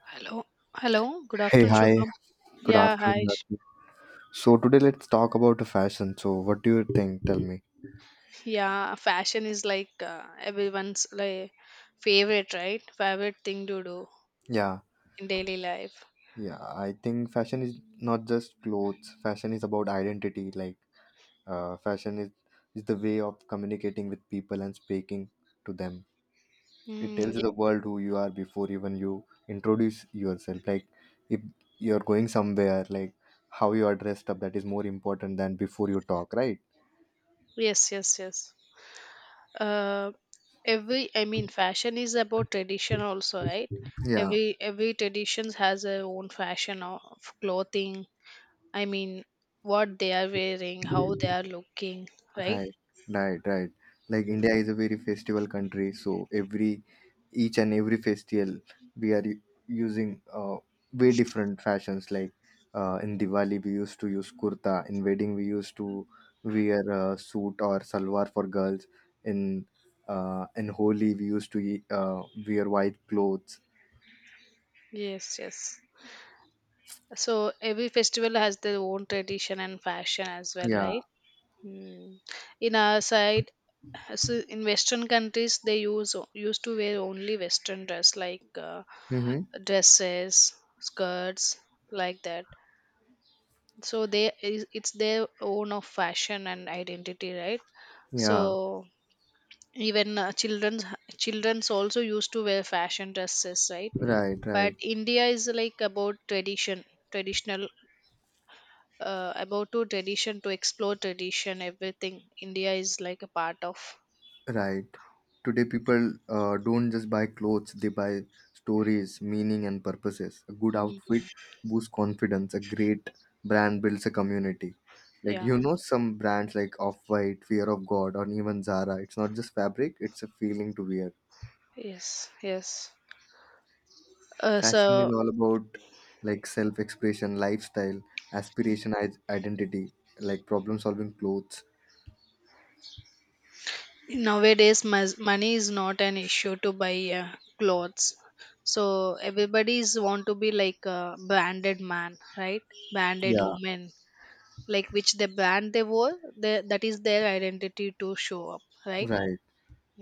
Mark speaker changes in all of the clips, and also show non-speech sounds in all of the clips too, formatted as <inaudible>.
Speaker 1: Hello. Hello. Good
Speaker 2: Hey,
Speaker 1: afternoon,
Speaker 2: hi.
Speaker 1: Shubham.
Speaker 2: Good
Speaker 1: Yeah, hi.
Speaker 2: afternoon, Rajeev. So today let's talk about the fashion. So what do you think? Tell me.
Speaker 1: Yeah, fashion is like everyone's like favorite, right? Favorite thing to do
Speaker 2: Yeah,
Speaker 1: in daily life.
Speaker 2: yeah. I think fashion is not just clothes. Fashion is about identity. Like, fashion is the way of communicating with people and speaking to them. It
Speaker 1: Mm,
Speaker 2: tells
Speaker 1: ye-
Speaker 2: the world who you are before even you introduce yourself. Like, if you're going somewhere, like how you are dressed up, that is more important than before you talk, right?
Speaker 1: yes, yes, yes. Uh, every I mean, fashion is about tradition also, right?
Speaker 2: Yeah.
Speaker 1: Every tradition has their own fashion of clothing. I mean, what they are wearing, how they are looking, right?
Speaker 2: Right, right, right. Like India is a very festival country, so every each and every festival we are using way different fashions. Like, in Diwali we used to use kurta, in wedding we used to wear a suit or salwar for girls. In in Holi we used to wear white clothes.
Speaker 1: Yes, yes. So every festival has their own tradition and fashion as well, right?
Speaker 2: Yeah.
Speaker 1: Hmm. In our side, so in Western countries, they used to wear only Western dress like
Speaker 2: Mm-hmm.
Speaker 1: dresses, skirts, like that. So it's their own of fashion and identity, right?
Speaker 2: Yeah.
Speaker 1: So even children's also used to wear fashion dresses, right?
Speaker 2: Right.
Speaker 1: But
Speaker 2: Right.
Speaker 1: india is like about tradition traditional about to tradition to explore tradition everything india is like a part of.
Speaker 2: Right. Today, people don't just buy clothes, they buy stories, meaning, and purposes. A good outfit
Speaker 1: Mhm.
Speaker 2: boosts confidence. A great brand builds a community. Like,
Speaker 1: Yeah,
Speaker 2: some brands like Off White, Fear of God, or even Zara, it's not just fabric, it's a feeling to wear.
Speaker 1: yes, yes. uh,
Speaker 2: Fashion is
Speaker 1: so
Speaker 2: all about, like, self expression, lifestyle, aspiration, identity, like problem solving clothes.
Speaker 1: nowadays money is not an issue to buy clothes, so everybody's want to be like a branded man, right? Branded
Speaker 2: Yeah,
Speaker 1: woman, like which the brand they wore, the, that is their identity to show up, right?
Speaker 2: right.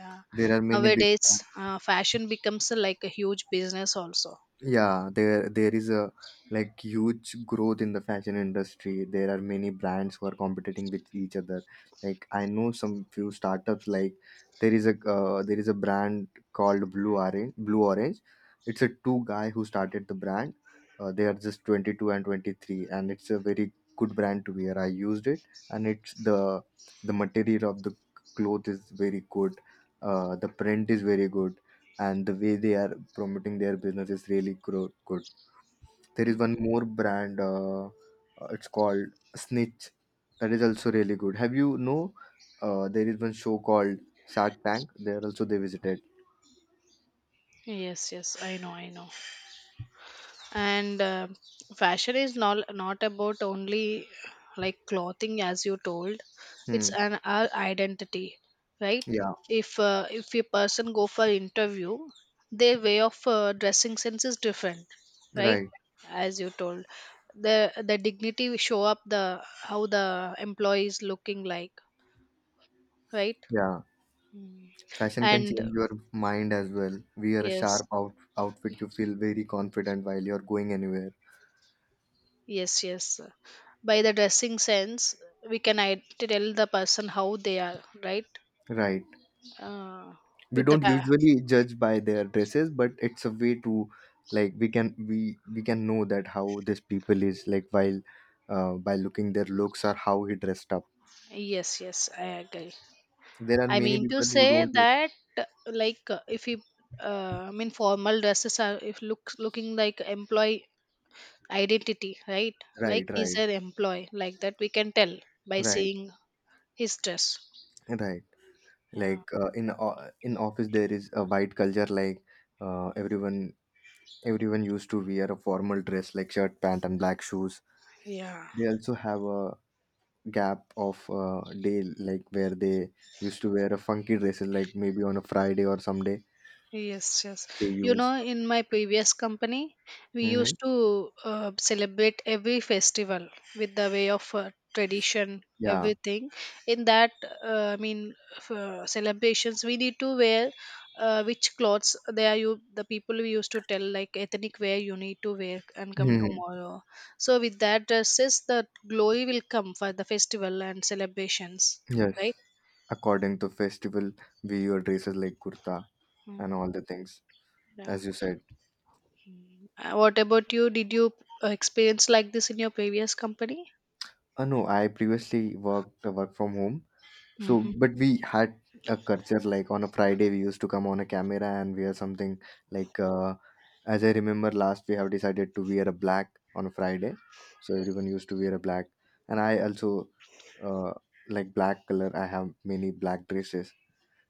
Speaker 1: Yeah.
Speaker 2: There are many big
Speaker 1: Nowadays
Speaker 2: brands.
Speaker 1: fashion becomes like a huge business also.
Speaker 2: Yeah, there is a, like, huge growth in the fashion industry. There are many brands who are competing with each other. Like, I know some few startups. Like, there is a brand called Blue Orange. It's a two guy who started the brand. They are just 22 and 23, and it's a very good brand to wear. I used it, and it's the material of the cloth is very good. The print is very good, and the way they are promoting their business is really good. There is one more brand, it's called Snitch. That is also really good. Have you know? There is one show called Shark Tank. There also they visited.
Speaker 1: Yes, yes, I know, I know. And fashion is not about only like clothing, as you told. It's
Speaker 2: Hmm.
Speaker 1: an our identity, right?
Speaker 2: Yeah.
Speaker 1: If a person go for interview, their way of dressing sense is different, right?
Speaker 2: Right.
Speaker 1: As you told, the dignity we show up the how the employee is looking like, right?
Speaker 2: Yeah. Fashion can
Speaker 1: And
Speaker 2: change your mind as well. Wear a
Speaker 1: yes,
Speaker 2: sharp outfit. You feel very confident while you're going anywhere.
Speaker 1: yes, yes. By the dressing sense, tell the person how they are, right?
Speaker 2: Right.
Speaker 1: Uh,
Speaker 2: We
Speaker 1: with the
Speaker 2: don't
Speaker 1: fa-
Speaker 2: usually judge by their dresses, but it's a way to, like, we can know that how this people is like, while by looking their looks or how he dressed up.
Speaker 1: yes, yes, I agree.
Speaker 2: There are
Speaker 1: I
Speaker 2: many
Speaker 1: mean to
Speaker 2: people who
Speaker 1: say
Speaker 2: don't like.
Speaker 1: that, like, if you, I mean, formal dresses are if looks looking like employee identity, right?
Speaker 2: Right,
Speaker 1: Like he's
Speaker 2: right,
Speaker 1: an employee, like that we can tell by
Speaker 2: right,
Speaker 1: seeing his dress.
Speaker 2: right.
Speaker 1: Yeah,
Speaker 2: Like, in office there is a white culture. Like, uh, everyone everyone used to wear a formal dress like shirt pant and black shoes.
Speaker 1: yeah.
Speaker 2: They also have a gap of day, like where they used to wear a funky dresses like maybe on a Friday or someday
Speaker 1: Yes, yes.
Speaker 2: they
Speaker 1: You
Speaker 2: use.
Speaker 1: know, in my previous company, we
Speaker 2: Hmm.
Speaker 1: used to celebrate every festival with the way of tradition,
Speaker 2: Yeah.
Speaker 1: everything. In that, I mean, for celebrations, we need to wear which clothes they are. You, the people we used to tell like ethnic wear you need to wear and come
Speaker 2: Hmm.
Speaker 1: tomorrow. So with that dresses, the glory will come for the festival and celebrations,
Speaker 2: Yes.
Speaker 1: right?
Speaker 2: According to festival we wear dresses like kurta and
Speaker 1: Mm,
Speaker 2: all the things,
Speaker 1: yeah.
Speaker 2: as you said.
Speaker 1: What about you? Did you experience like this in your previous company?
Speaker 2: No, I previously work from home. So,
Speaker 1: Hmm.
Speaker 2: but we had a culture like on a Friday, we used to come on a camera and wear something like, as I remember last, we have decided to wear a black on a Friday. So, everyone used to wear a black. And I also, uh, like black color. I have many black dresses,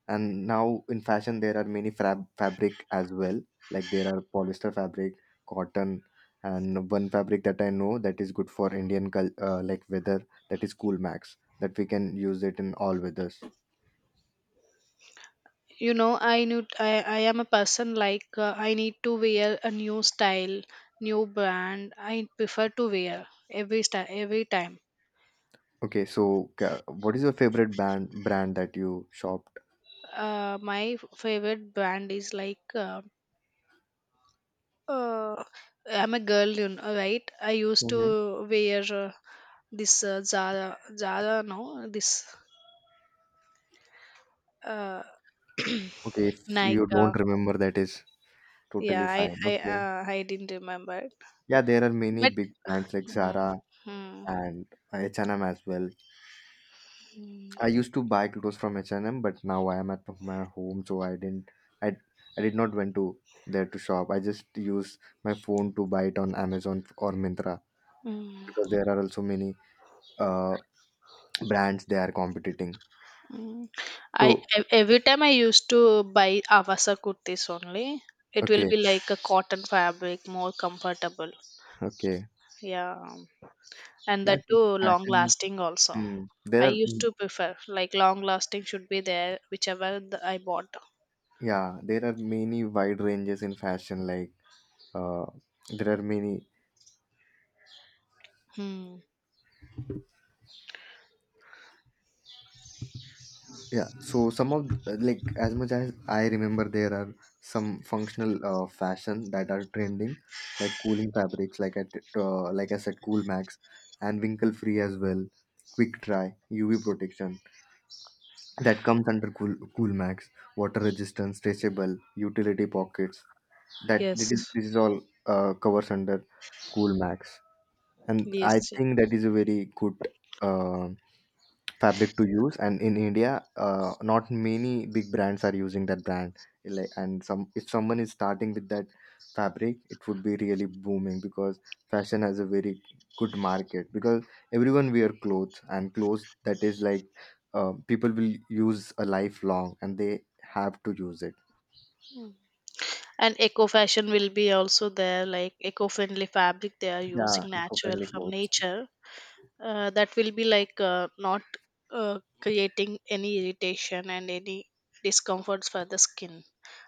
Speaker 2: and now in fashion there are many fabric as well. Like, there are polyester fabric, cotton, and one fabric that I know that is good for Indian like weather, that is Cool Max, that we can use it in all weathers.
Speaker 1: You know, I am a person like I need to wear a new style, new brand. I prefer to wear every style every time.
Speaker 2: Okay, so what is your favorite band brand that you shopped?
Speaker 1: My favorite brand is like uh, I'm a girl, you know, right? I used to
Speaker 2: Hmm.
Speaker 1: wear this zara no, this uh,
Speaker 2: Okay, if
Speaker 1: Nike,
Speaker 2: you don't remember, that is totally
Speaker 1: yeah, i
Speaker 2: fine.
Speaker 1: i
Speaker 2: Okay.
Speaker 1: I didn't remember,
Speaker 2: Yeah, there are many
Speaker 1: but
Speaker 2: big brands like
Speaker 1: mhm,
Speaker 2: Zara
Speaker 1: mhm,
Speaker 2: and H&M as well. I used to buy clothes from H&M, but now I am at my home, so I didn't. I I did not went to there to shop. I just use my phone to buy it on Amazon or Myntra
Speaker 1: mhm,
Speaker 2: because there are also many uh brands they are competing.
Speaker 1: mhm. I
Speaker 2: So
Speaker 1: every time I used to buy Avasa kurtis only. It will
Speaker 2: okay,
Speaker 1: be like a cotton fabric, more comfortable.
Speaker 2: okay,
Speaker 1: Yeah, and
Speaker 2: yeah,
Speaker 1: that
Speaker 2: so
Speaker 1: too long
Speaker 2: fashion is.
Speaker 1: lasting also.
Speaker 2: mm,
Speaker 1: I
Speaker 2: there are,
Speaker 1: used to prefer like long lasting should be there whichever the, I bought.
Speaker 2: yeah, there are many wide ranges in fashion. Like, uh, there are many.
Speaker 1: Hmm.
Speaker 2: Yeah, so some of, like, as much as I remember, there are some functional, fashion that are trending, like cooling fabrics, like like I said, Cool Max, and wrinkle free as well. Quick dry, UV protection, that comes under Cool Max, water resistant, stretchable, utility pockets. That that is
Speaker 1: Yes.
Speaker 2: this is all, covers under Cool Max, and I
Speaker 1: Yes. Yes.
Speaker 2: think that is a very good, uh, fabric to use. And in India, not many big brands are using that brand. Like, and some, if someone is starting with that fabric, it would be really booming because fashion has a very good market because everyone wear clothes and clothes that is like, people will use a lifelong and they have to use it.
Speaker 1: And eco fashion will be also there, like eco friendly fabric they are
Speaker 2: Yeah,
Speaker 1: using natural
Speaker 2: eco-friendly
Speaker 1: from
Speaker 2: clothes.
Speaker 1: nature. That will be like not creating any irritation and any discomforts for the skin,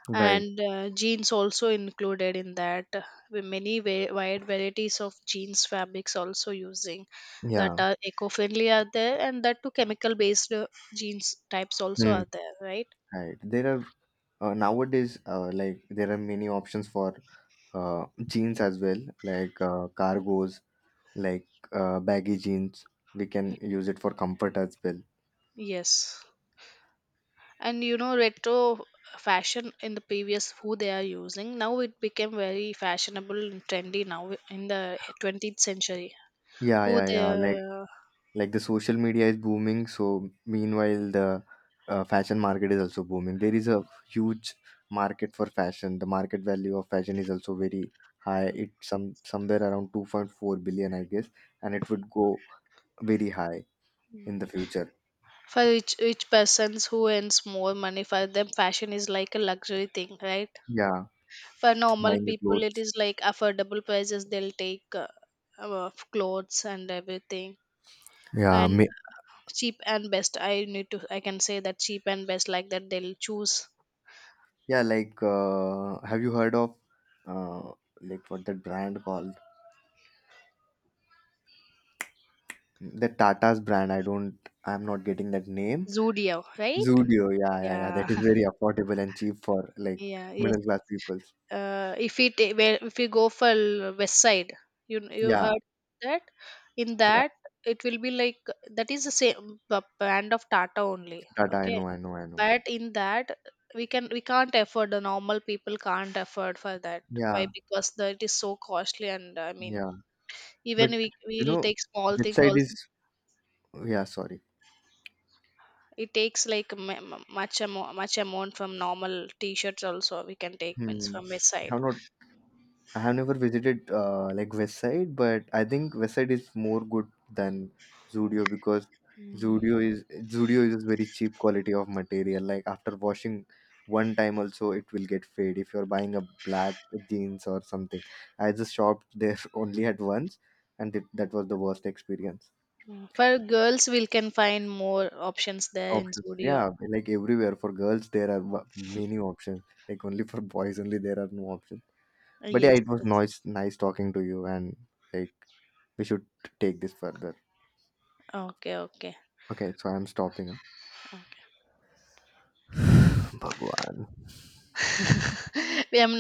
Speaker 2: Right.
Speaker 1: and jeans also included in that, with many wide varieties of jeans fabrics also using, that
Speaker 2: Yeah.
Speaker 1: are eco-friendly are there, and that too chemical based, jeans types also
Speaker 2: Hmm.
Speaker 1: are there, right?
Speaker 2: Right. There are nowadays, like, there are many options for, jeans as well, like, cargos, like, baggy jeans. We can use it for comfort as well.
Speaker 1: Yes. And you know, retro fashion in the previous who they are using now, it became very fashionable and trendy now in the 20th century
Speaker 2: Yeah,
Speaker 1: who
Speaker 2: yeah, yeah. Like
Speaker 1: they.
Speaker 2: like the social media is booming, so meanwhile the, fashion market is also booming. There is a huge market for fashion. The market value of fashion is also very high. It's somewhere around 2.4 billion, I guess, and it would go very high in the future.
Speaker 1: For each persons who earns more money, for them fashion is like a luxury thing, right?
Speaker 2: Yeah.
Speaker 1: For normal
Speaker 2: Buying the
Speaker 1: people it
Speaker 2: clothes.
Speaker 1: is like affordable prices they'll take, of clothes and everything.
Speaker 2: Yeah,
Speaker 1: And
Speaker 2: me.
Speaker 1: cheap and best, I need to I can say that cheap and best like that, they'll choose.
Speaker 2: Yeah, like, have you heard of, uh, like, what that brand called? The Tata's brand. I don't. I'm not getting that name.
Speaker 1: Zudio, right?
Speaker 2: Zudio. Yeah, yeah, yeah.
Speaker 1: Yeah.
Speaker 2: That is very affordable and cheap for
Speaker 1: <laughs>
Speaker 2: like
Speaker 1: Yeah.
Speaker 2: middle class peoples.
Speaker 1: If it where, if you go for west side, you
Speaker 2: Yeah,
Speaker 1: heard that. In
Speaker 2: yeah.
Speaker 1: that, it will be like, that is the same brand of tata only,
Speaker 2: Tata. I
Speaker 1: okay?
Speaker 2: know. I know. I know.
Speaker 1: But in that we can't afford, the normal people can't afford for that. Why?
Speaker 2: Yeah,
Speaker 1: Because the, it is so costly, and I mean,
Speaker 2: yeah. But,
Speaker 1: even we
Speaker 2: you
Speaker 1: we'll
Speaker 2: know,
Speaker 1: take small thing
Speaker 2: website is.
Speaker 1: also.
Speaker 2: Yeah. Sorry.
Speaker 1: It takes like much amount from normal. T-shirts also we can take, means
Speaker 2: Hmm.
Speaker 1: from west side.
Speaker 2: I'm not I have never visited, like, West Side, but I think West Side is more good than Zudio because Zudio is Zudio is very cheap quality of material. Like after washing one time, also it will get fade. If you're buying a black jeans or something, I just shopped there <laughs> only at once, and it, that was the worst experience.
Speaker 1: Mm, for girls, we can find more options there in
Speaker 2: Options,
Speaker 1: Zudio.
Speaker 2: yeah, like everywhere for girls there are many options. Like only for boys, only there are no options. But yeah,
Speaker 1: Yes,
Speaker 2: it was
Speaker 1: yes.
Speaker 2: nice, nice talking to you and like. We should take this further.
Speaker 1: Okay, okay.
Speaker 2: Okay, so I'm stopping. Huh? <sighs> <laughs> Bhagwan.
Speaker 1: <laughs> We am